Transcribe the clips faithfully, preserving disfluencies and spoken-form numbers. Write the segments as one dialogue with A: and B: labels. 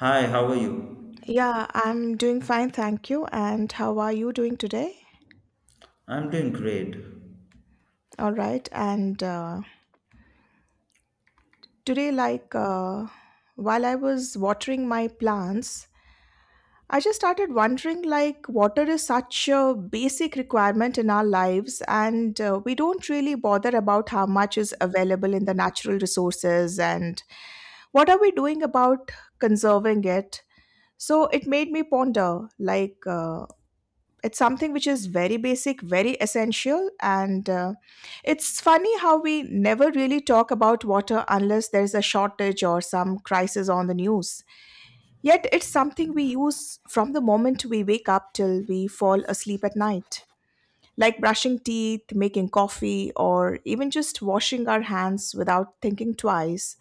A: Hi, how are you?
B: Yeah, I'm doing fine, thank you. And how are you doing today?
A: I'm doing great.
B: All right. And uh, today, like, uh, while I was watering my plants, I just started wondering like, water is such a basic requirement in our lives, and uh, we don't really bother about how much is available in the natural resources and what are we doing about conserving it. So it made me ponder, like, uh, it's something which is very basic, very essential, and uh, it's funny how we never really talk about water unless there's a shortage or some crisis on the news. Yet it's something we use from the moment we wake up till we fall asleep at night, like brushing teeth, making coffee, or even just washing our hands without thinking twice.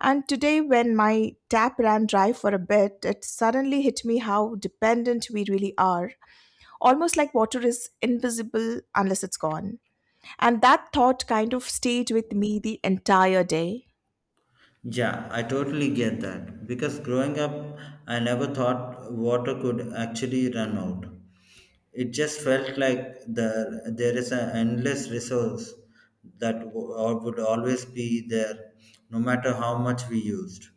B: And today, when my tap ran dry for a bit, it suddenly hit me how dependent we really are, almost like water is invisible unless it's gone. And that thought kind of stayed with me the entire day.
A: Yeah, I totally get that. Because growing up, I never thought water could actually run out. It just felt like the, there is an endless resource that w- or would always be there, no matter how much we used.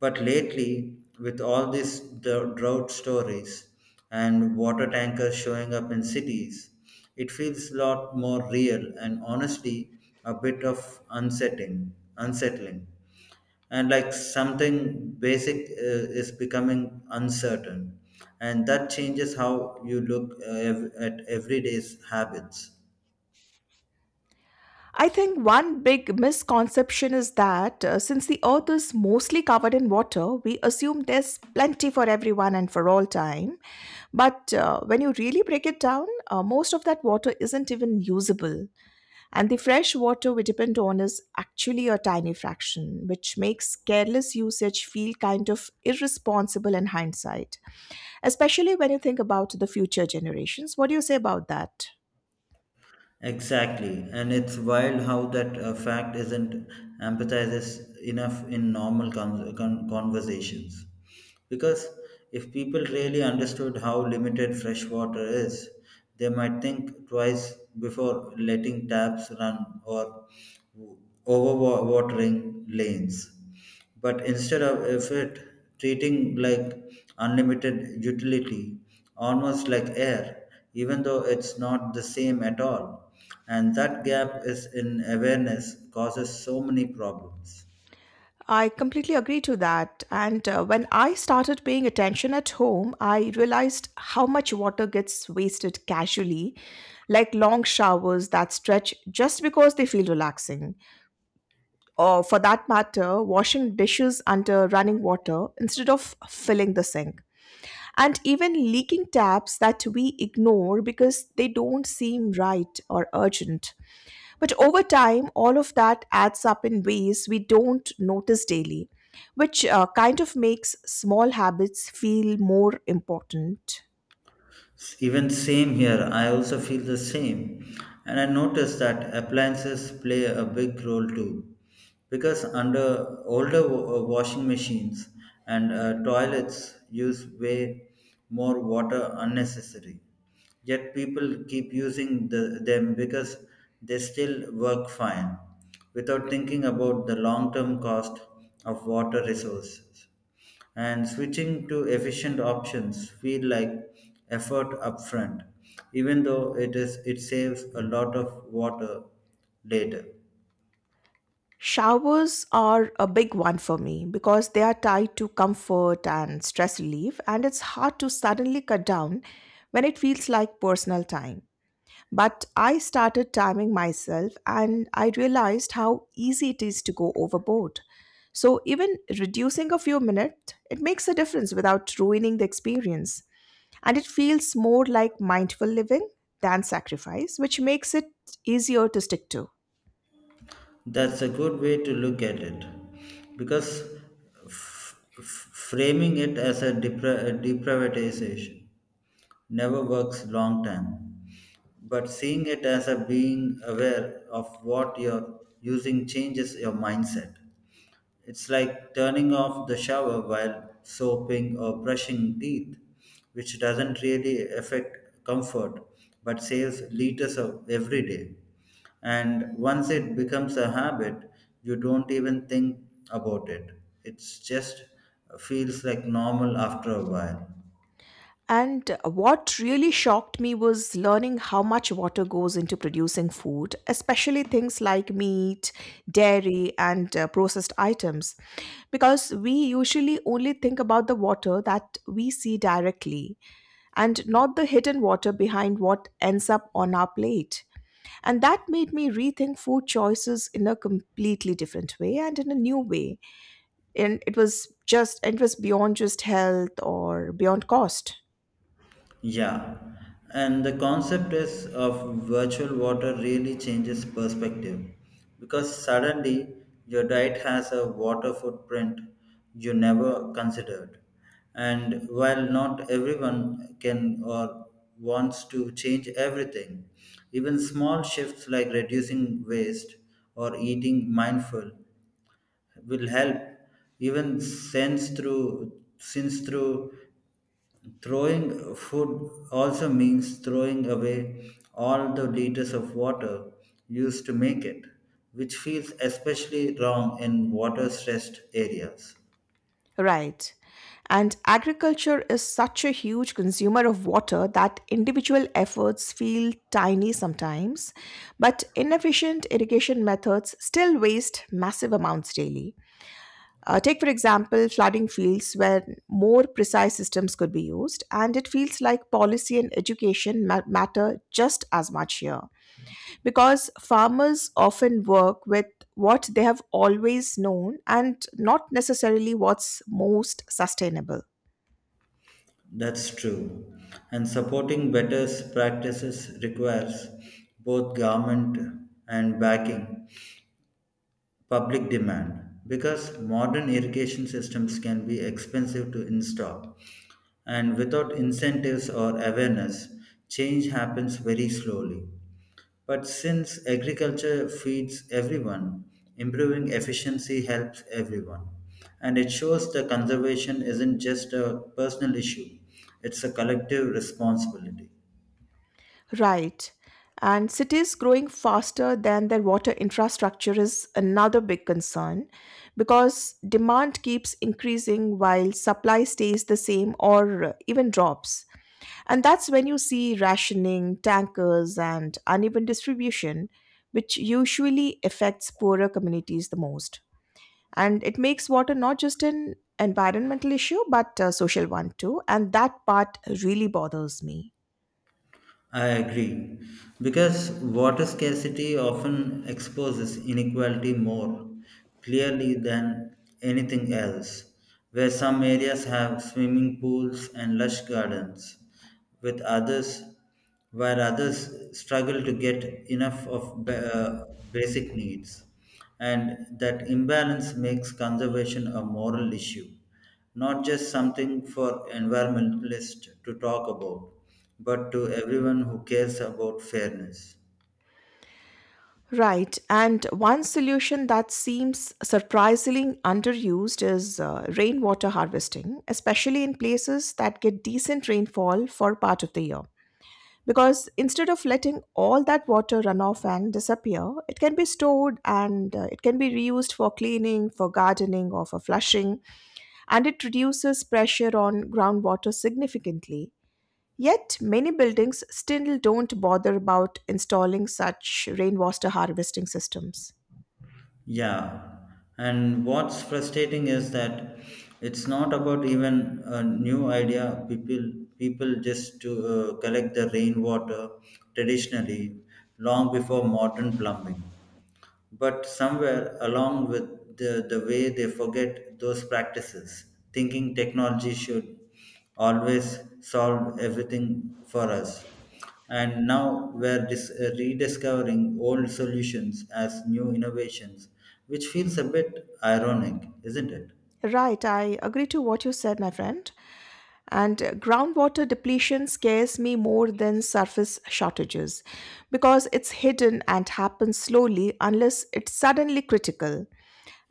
A: But lately, with all these dr- drought stories and water tankers showing up in cities, it feels a lot more real and honestly a bit of unsettling. unsettling and like something basic uh, is becoming uncertain, and that changes how you look uh, ev- at everyday's habits.
B: I think one big misconception is that uh, since the earth is mostly covered in water, we assume there's plenty for everyone and for all time. But uh, when you really break it down, uh, most of that water isn't even usable. And the fresh water we depend on is actually a tiny fraction, which makes careless usage feel kind of irresponsible in hindsight, especially when you think about the future generations. What do you say about that?
A: Exactly, and it's wild how that uh, fact isn't empathizes enough in normal con- con- conversations, because if people really understood how limited fresh water is, they might think twice before letting taps run or overwatering lanes. But instead of if it treating like unlimited utility, almost like air, even though it's not the same at all. And that gap is in awareness causes so many problems.
B: I completely agree to that. And uh, when I started paying attention at home, I realized how much water gets wasted casually, like long showers that stretch just because they feel relaxing. Or for that matter, washing dishes under running water instead of filling the sink. And even leaking taps that we ignore because they don't seem right or urgent. But over time, all of that adds up in ways we don't notice daily, which uh, kind of makes small habits feel more important.
A: Even same here, I also feel the same. And I noticed that appliances play a big role too. Because under older wa- uh, washing machines and uh, toilets use way more water unnecessary. Yet people keep using the, them because they still work fine without thinking about the long term cost of water resources, and switching to efficient options feel like effort upfront, even though it is it saves a lot of water later.
B: Showers are a big one for me because they are tied to comfort and stress relief, and it's hard to suddenly cut down when it feels like personal time. But I started timing myself and I realized how easy it is to go overboard. So, even reducing a few minutes, it makes a difference without ruining the experience. And it feels more like mindful living than sacrifice, which makes it easier to stick to.
A: That's a good way to look at it, because f- f- framing it as a, depra- a deprivatization never works long term, but seeing it as a being aware of what you're using changes your mindset. It's like turning off the shower while soaping or brushing teeth, which doesn't really affect comfort but saves liters of every day. And once it becomes a habit, you don't even think about it. It just uh, feels like normal after a while.
B: And what really shocked me was learning how much water goes into producing food, especially things like meat, dairy, and uh, processed items. Because we usually only think about the water that we see directly and not the hidden water behind what ends up on our plate. And that made me rethink food choices in a completely different way and in a new way. And it was just, it was beyond just health or beyond cost.
A: Yeah, and the concept is of virtual water really changes perspective, because suddenly your diet has a water footprint you never considered. And while not everyone can or wants to change everything, even small shifts like reducing waste or eating mindful will help. Even sense through since through Throwing food also means throwing away all the liters of water used to make it, which feels especially wrong in water stressed areas.
B: Right. And agriculture is such a huge consumer of water that individual efforts feel tiny sometimes, but inefficient irrigation methods still waste massive amounts daily. Uh, take, for example, flooding fields where more precise systems could be used, and it feels like policy and education ma- matter just as much here, because farmers often work with what they have always known and not necessarily what's most sustainable.
A: That's true. And supporting better practices requires both government and backing public demand, because modern irrigation systems can be expensive to install, and without incentives or awareness change happens very slowly. But since agriculture feeds everyone, improving efficiency helps everyone. And it shows that conservation isn't just a personal issue, it's a collective responsibility.
B: Right. And cities growing faster than their water infrastructure is another big concern because demand keeps increasing while supply stays the same or even drops. And that's when you see rationing, tankers, and uneven distribution, which usually affects poorer communities the most. And it makes water not just an environmental issue but a social one too, and that part really bothers me.
A: I agree. Because water scarcity often exposes inequality more clearly than anything else, where some areas have swimming pools and lush gardens, with others, where others struggle to get enough of ba- uh, basic needs. And that imbalance makes conservation a moral issue, not just something for environmentalists to talk about, but to everyone who cares about fairness.
B: Right. And one solution that seems surprisingly underused is uh, rainwater harvesting, especially in places that get decent rainfall for part of the year, because instead of letting all that water run off and disappear, it can be stored, and uh, it can be reused for cleaning, for gardening, or for flushing, and it reduces pressure on groundwater significantly. Yet, many buildings still don't bother about installing such rainwater harvesting systems.
A: Yeah, and what's frustrating is that it's not about even a new idea. People people just to uh, collect the rainwater traditionally long before modern plumbing. But somewhere along with the, the way they forget those practices, thinking technology should always solve everything for us. And now we're dis- uh, rediscovering old solutions as new innovations, which feels a bit ironic, isn't it?
B: Right, I agree to what you said, my friend. And uh, groundwater depletion scares me more than surface shortages because it's hidden and happens slowly unless it's suddenly critical.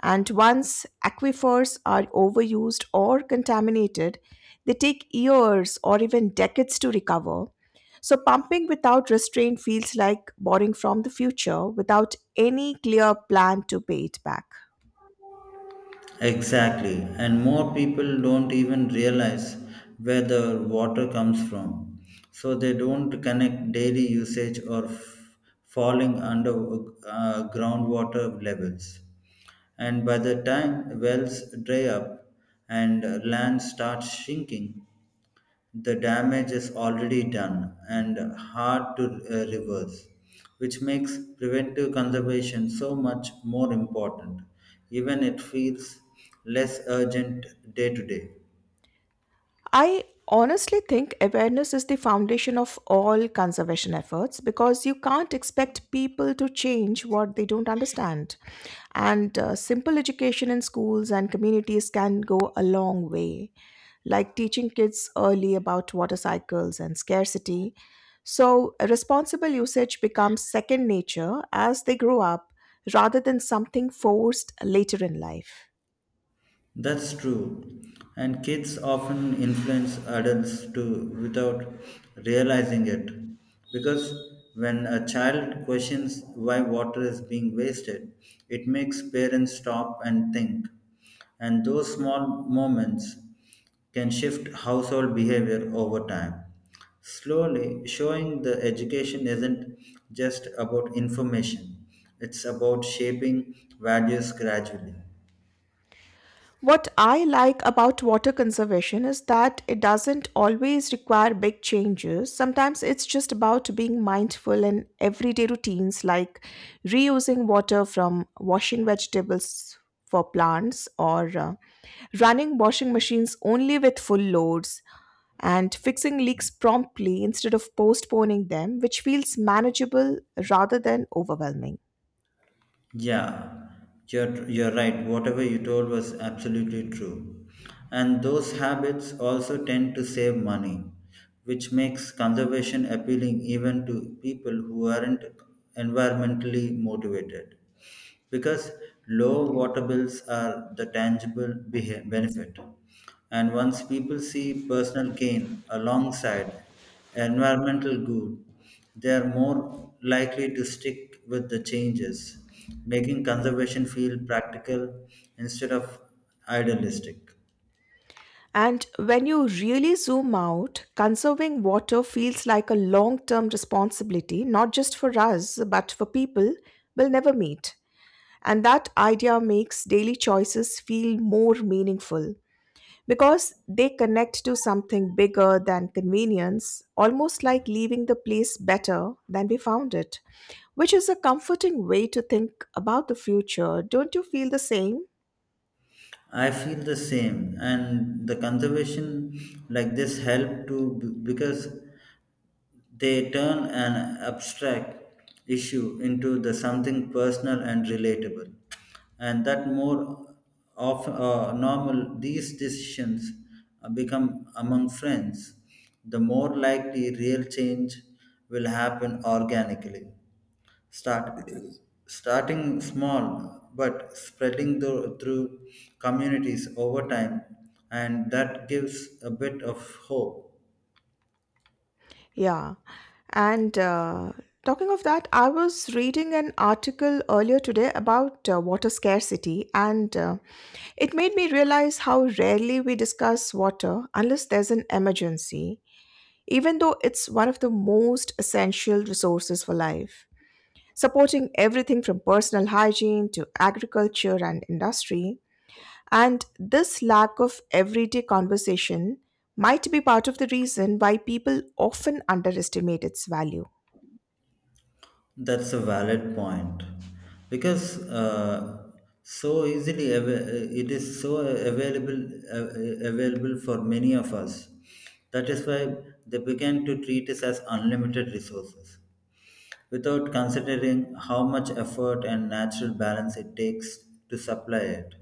B: And once aquifers are overused or contaminated, they take years or even decades to recover. So, pumping without restraint feels like borrowing from the future without any clear plan to pay it back.
A: Exactly, and more people don't even realize where the water comes from, so they don't connect daily usage or f- falling under uh, groundwater levels. And by the time wells dry up and land starts shrinking, the damage is already done and hard to uh, reverse, which makes preventive conservation so much more important, even it feels less urgent day to day.
B: I honestly think awareness is the foundation of all conservation efforts because you can't expect people to change what they don't understand. And uh, simple education in schools and communities can go a long way, like teaching kids early about water cycles and scarcity. So, responsible usage becomes second nature as they grow up rather than something forced later in life.
A: That's true. And kids often influence adults too without realizing it. Because when a child questions why water is being wasted, it makes parents stop and think. And those small moments can shift household behavior over time. Slowly, showing the education isn't just about information, it's about shaping values gradually.
B: What I like about water conservation is that it doesn't always require big changes. Sometimes it's just about being mindful in everyday routines, like reusing water from washing vegetables for plants, or uh, running washing machines only with full loads, and fixing leaks promptly instead of postponing them, which feels manageable rather than overwhelming.
A: Yeah, you're, you're right. Whatever you told was absolutely true. And those habits also tend to save money, which makes conservation appealing even to people who aren't environmentally motivated. Because low water bills are the tangible behe- benefit. And once people see personal gain alongside environmental good, they are more likely to stick with the changes, making conservation feel practical instead of idealistic.
B: And when you really zoom out, conserving water feels like a long term responsibility, not just for us, but for people we'll never meet. And that idea makes daily choices feel more meaningful because they connect to something bigger than convenience, almost like leaving the place better than we found it, which is a comforting way to think about the future. Don't you feel the same?
A: I feel the same, and the conservation like this help to b- because they turn an abstract issue into the something personal and relatable, and that more of uh, normal these decisions uh, become among friends, the more likely real change will happen organically, start starting small but spreading the, through communities over time, and that gives a bit of hope.
B: Yeah. And uh, Talking of that, I was reading an article earlier today about uh, water scarcity, and uh, it made me realize how rarely we discuss water unless there's an emergency, even though it's one of the most essential resources for life, supporting everything from personal hygiene to agriculture and industry. And this lack of everyday conversation might be part of the reason why people often underestimate its value.
A: That's a valid point, because uh, so easily av- it is so available uh, available for many of us, that is why they began to treat us as unlimited resources without considering how much effort and natural balance it takes to supply it.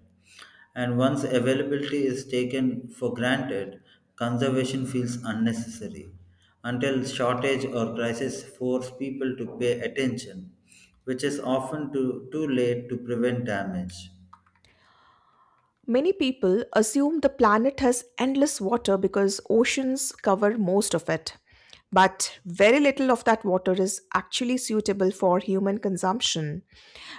A: And once availability is taken for granted, conservation feels unnecessary until shortage or crisis force people to pay attention, which is often too, too late to prevent damage.
B: Many people assume the planet has endless water because oceans cover most of it. But very little of that water is actually suitable for human consumption.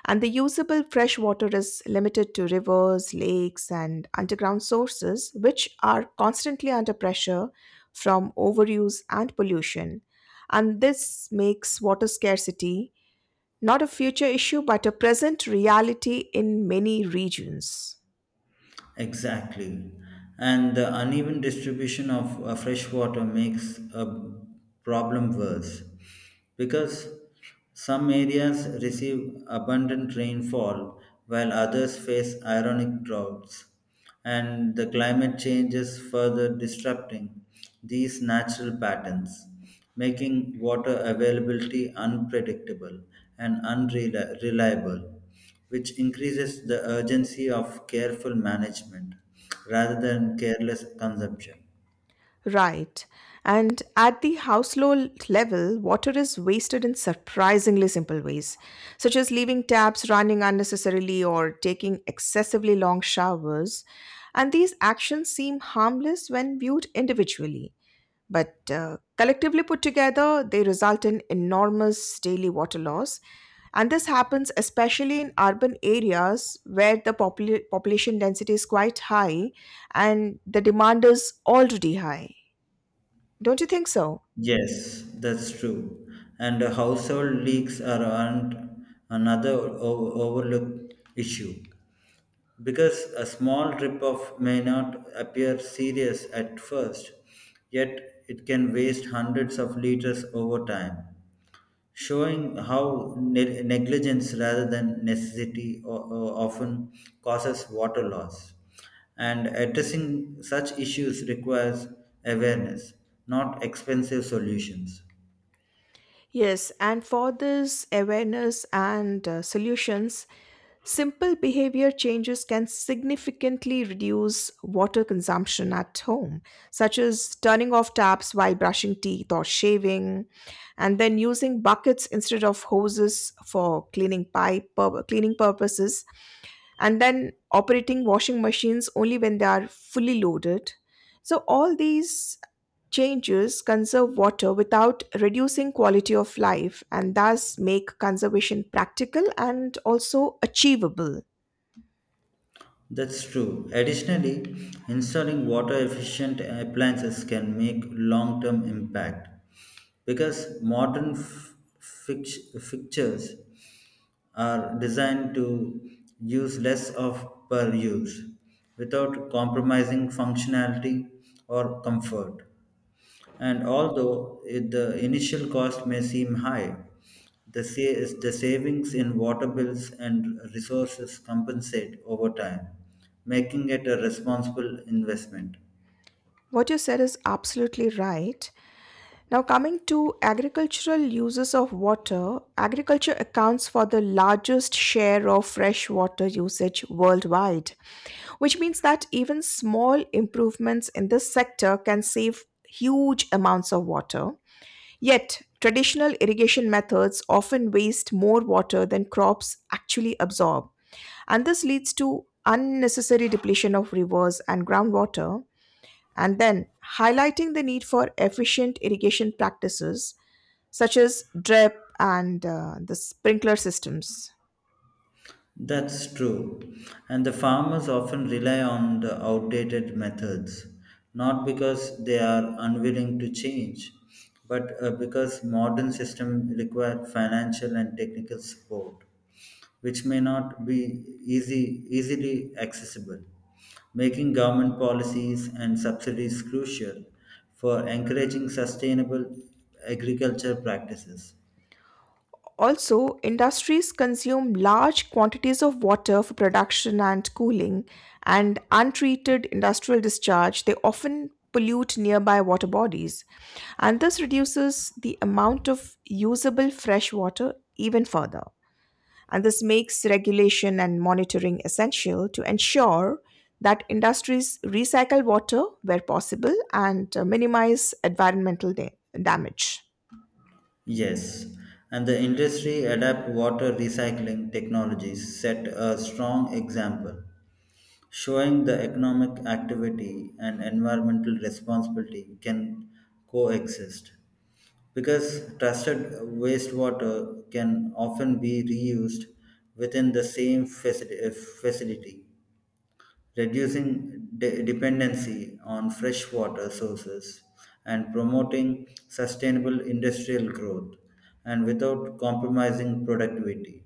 B: And the usable fresh water is limited to rivers, lakes, and underground sources, which are constantly under pressure from overuse and pollution. And this makes water scarcity not a future issue, but a present reality in many regions.
A: Exactly. And the uneven distribution of uh, fresh water makes a problem worse, because some areas receive abundant rainfall while others face ironic droughts. And the climate change is further disrupting these natural patterns, making water availability unpredictable and unreliable, which increases the urgency of careful management rather than careless consumption.
B: Right. And at the household level, water is wasted in surprisingly simple ways, such as leaving taps running unnecessarily or taking excessively long showers. And these actions seem harmless when viewed individually. But uh, collectively put together, they result in enormous daily water loss. And this happens especially in urban areas where the popula- population density is quite high and the demand is already high. Don't you think so?
A: Yes, that's true. And the household leaks are an- another o- overlooked issue, because a small drip off may not appear serious at first, yet it can waste hundreds of liters over time, showing how ne- negligence rather than necessity o- o- often causes water loss. And addressing such issues requires awareness, not expensive solutions.
B: Yes, and for this awareness and uh, solutions, simple behavior changes can significantly reduce water consumption at home, such as turning off taps while brushing teeth or shaving, and then using buckets instead of hoses for cleaning pipe pur- cleaning purposes, and then operating washing machines only when they are fully loaded. So all these changes conserve water without reducing quality of life and thus make conservation practical and also achievable.
A: That's true. Additionally, installing water efficient appliances can make long term impact, because modern f- fix- fixtures are designed to use less of per use without compromising functionality or comfort. And although it- the initial cost may seem high, the, sa- the savings in water bills and resources compensate over time, making it a responsible investment.
B: What you said is absolutely right. Now, coming to agricultural uses of water, agriculture accounts for the largest share of freshwater usage worldwide, which means that even small improvements in this sector can save huge amounts of water. Yet, traditional irrigation methods often waste more water than crops actually absorb, and this leads to unnecessary depletion of rivers and groundwater. And then, highlighting the need for efficient irrigation practices such as drip and uh, the sprinkler systems.
A: That's true. And the farmers often rely on the outdated methods, not because they are unwilling to change, but uh, because modern systems require financial and technical support, which may not be easy, easily accessible, making government policies and subsidies crucial for encouraging sustainable agriculture practices.
B: Also, industries consume large quantities of water for production and cooling, and untreated industrial discharge, they often pollute nearby water bodies, and this reduces the amount of usable fresh water even further. And this makes regulation and monitoring essential to ensure that industries recycle water where possible and uh, minimize environmental da- damage.
A: Yes, and the industry adapt water recycling technologies set a strong example, showing the economic activity and environmental responsibility can coexist. Because trusted wastewater can often be reused within the same faci- uh, facility, reducing de- dependency on freshwater sources and promoting sustainable industrial growth, and without compromising productivity.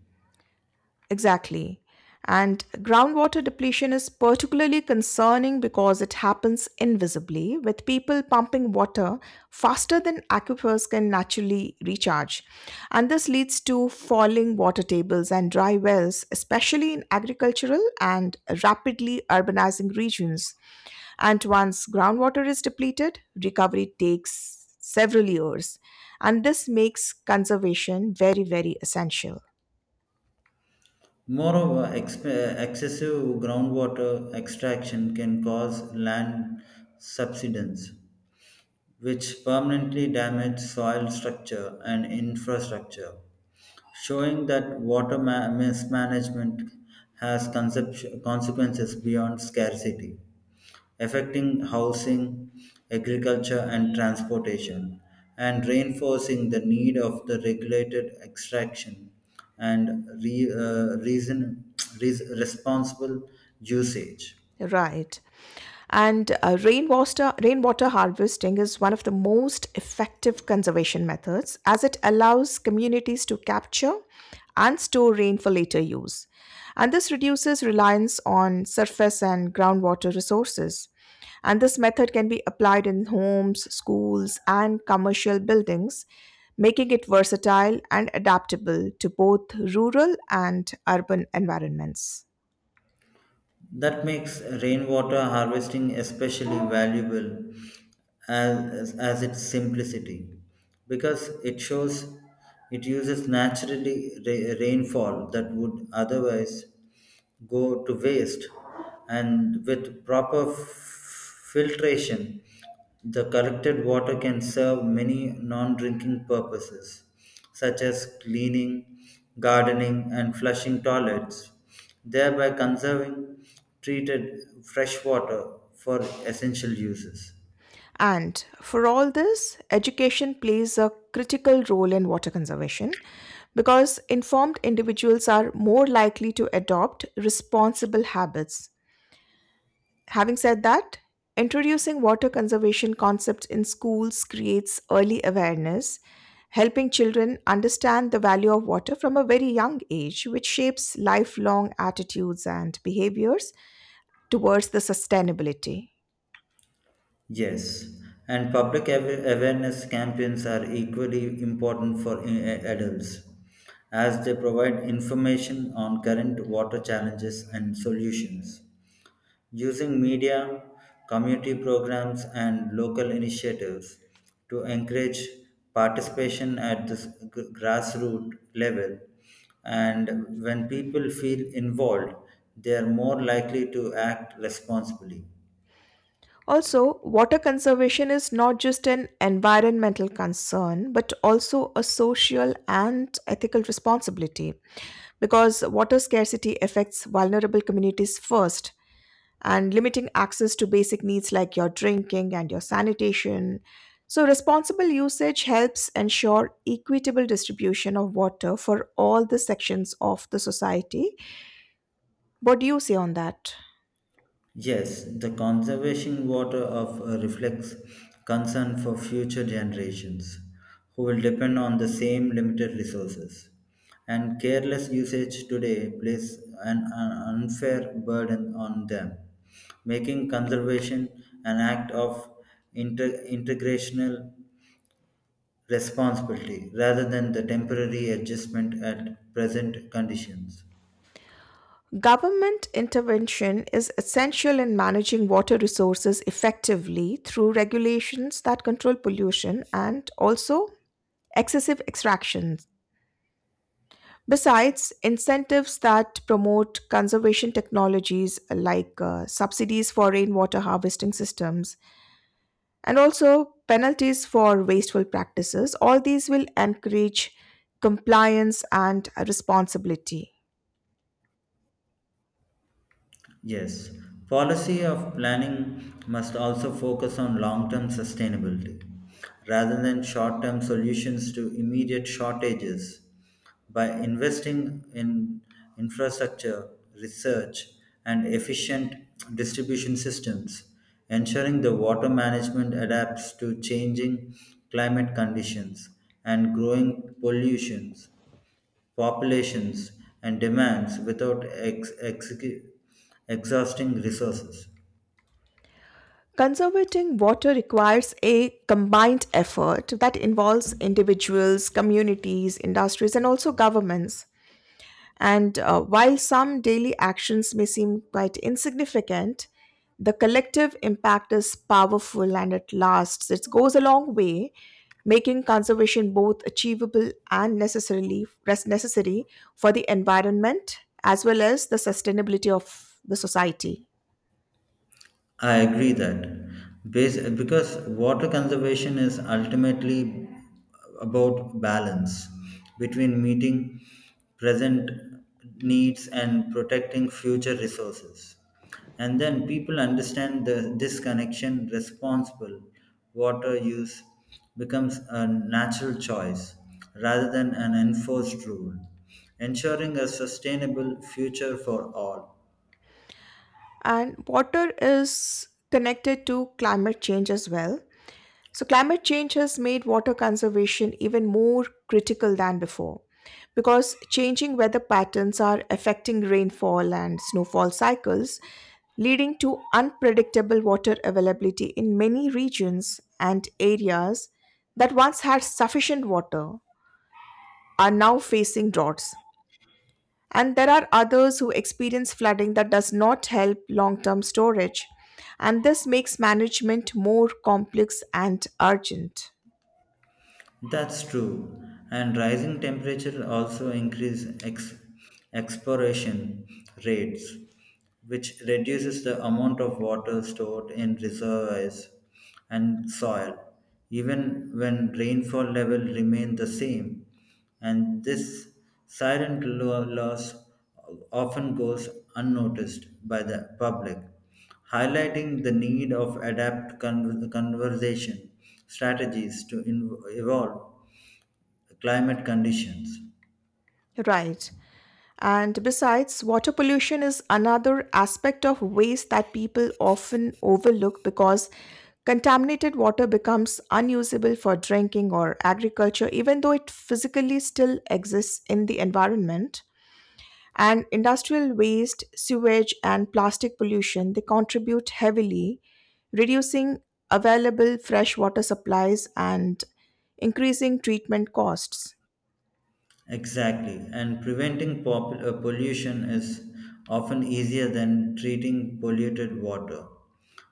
B: Exactly. And groundwater depletion is particularly concerning because it happens invisibly, with people pumping water faster than aquifers can naturally recharge. And this leads to falling water tables and dry wells, especially in agricultural and rapidly urbanizing regions. And once groundwater is depleted, recovery takes several years. And this makes conservation very, very essential.
A: Moreover, exp- excessive groundwater extraction can cause land subsidence, which permanently damage soil structure and infrastructure, showing that water ma- mismanagement has concept- consequences beyond scarcity, affecting housing, agriculture, and transportation, and reinforcing the need of the regulated extraction and re- uh, reason, res- responsible usage.
B: Right. And uh, rainwater, rainwater harvesting is one of the most effective conservation methods as it allows communities to capture and store rain for later use. And this reduces reliance on surface and groundwater resources. And this method can be applied in homes, schools, and commercial buildings, making it versatile and adaptable to both rural and urban environments.
A: That makes rainwater harvesting especially valuable as, as its simplicity, because it shows it uses naturally ra- rainfall that would otherwise go to waste, and with proper f- filtration the collected water can serve many non-drinking purposes such as cleaning, gardening and flushing toilets, thereby conserving treated fresh water for essential uses.
B: And for all this, education plays a critical role in water conservation because informed individuals are more likely to adopt responsible habits. Having said that, introducing water conservation concepts in schools creates early awareness, helping children understand the value of water from a very young age, which shapes lifelong attitudes and behaviors towards the sustainability.
A: Yes, and public awa- awareness campaigns are equally important for i- adults, as they provide information on current water challenges and solutions, using media, community programs, and local initiatives to encourage participation at the s- g- grassroots level. And when people feel involved, they are more likely to act responsibly.
B: Also, water conservation is not just an environmental concern, but also a social and ethical responsibility because water scarcity affects vulnerable communities first, and limiting access to basic needs like your drinking and your sanitation. So, responsible usage helps ensure equitable distribution of water for all the sections of the society. What do you say on that?
A: Yes, the conservation water of uh, reflects concern for future generations who will depend on the same limited resources. And careless usage today places an, an unfair burden on them, making conservation an act of inter- integrational responsibility rather than the temporary adjustment at present conditions.
B: Government intervention is essential in managing water resources effectively through regulations that control pollution and also excessive extractions. Besides, incentives that promote conservation technologies like uh, subsidies for rainwater harvesting systems and also penalties for wasteful practices, all these will encourage compliance and responsibility.
A: Yes, policy of planning must also focus on long term sustainability rather than short term solutions to immediate shortages. By investing in infrastructure, research, and efficient distribution systems, ensuring the water management adapts to changing climate conditions and growing pollutions populations, and demands without ex- execu- exhausting resources.
B: Conserving water requires a combined effort that involves individuals, communities, industries, and also governments. And uh, while some daily actions may seem quite insignificant, the collective impact is powerful and it lasts. It goes a long way, making conservation both achievable and necessarily res- necessary for the environment as well as the sustainability of the society.
A: I agree that. Bas- because water conservation is ultimately about balance between meeting present needs and protecting future resources. And then people understand the, this connection responsible water use becomes a natural choice rather than an enforced rule, ensuring a sustainable future for all.
B: And water is connected to climate change as well. So, climate change has made water conservation even more critical than before because changing weather patterns are affecting rainfall and snowfall cycles, leading to unpredictable water availability in many regions, and areas that once had sufficient water are now facing droughts. And there are others who experience flooding that does not help long term storage. And this makes management more complex and urgent.
A: That's true. And rising temperature also increase ex- expiration rates, which reduces the amount of water stored in reservoirs and soil, even when rainfall level remain the same. And this silent lo- loss often goes unnoticed by the public, highlighting the need of adapt con- conversation strategies to in- evolve climate conditions.
B: Right. And besides, water pollution is another aspect of waste that people often overlook because contaminated water becomes unusable for drinking or agriculture, even though it physically still exists in the environment. And industrial waste, sewage, and plastic pollution, they contribute heavily, reducing available fresh water supplies and increasing treatment costs.
A: Exactly, and preventing pop- uh, pollution is often easier than treating polluted water.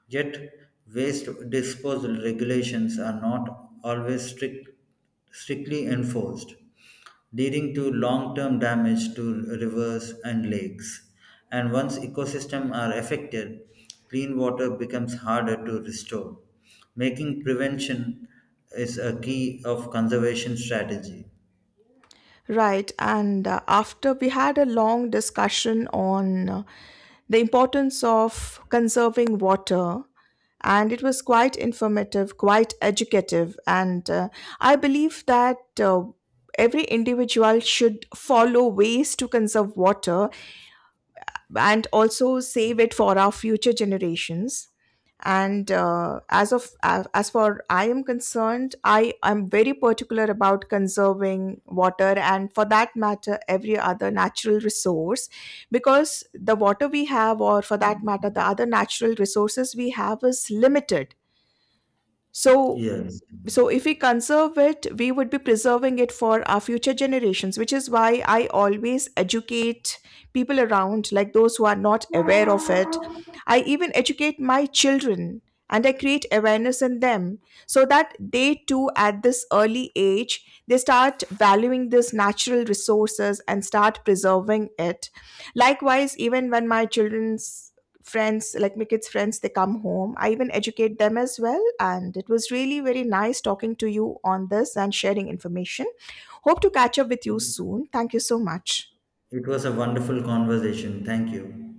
A: Yet, waste disposal regulations are not always strict, strictly enforced, leading to long term damage to rivers and lakes. And once ecosystems are affected, clean water becomes harder to restore, making prevention is a key of conservation strategy.
B: Right, and uh, after we had a long discussion on uh, the importance of conserving water, and it was quite informative, quite educative, and uh, I believe that uh, every individual should follow ways to conserve water and also save it for our future generations, and uh, as of as as for I am concerned, I am very particular about conserving water and, for that matter, every other natural resource, because the water we have, or for that matter the other natural resources we have, is limited. So,
A: Yes.
B: so if we conserve it, we would be preserving it for our future generations, which is why I always educate people around, like those who are not aware of it. I even educate my children, and I create awareness in them so that they too, at this early age, they start valuing these natural resources and start preserving it. Likewise, even when my children's friends, like my kids' friends, they come home, I even educate them as well. And it was really very nice talking to you on this and sharing information. Hope to catch up with
A: It
B: you soon. Thank you so much.
A: was a wonderful conversation. Thank you.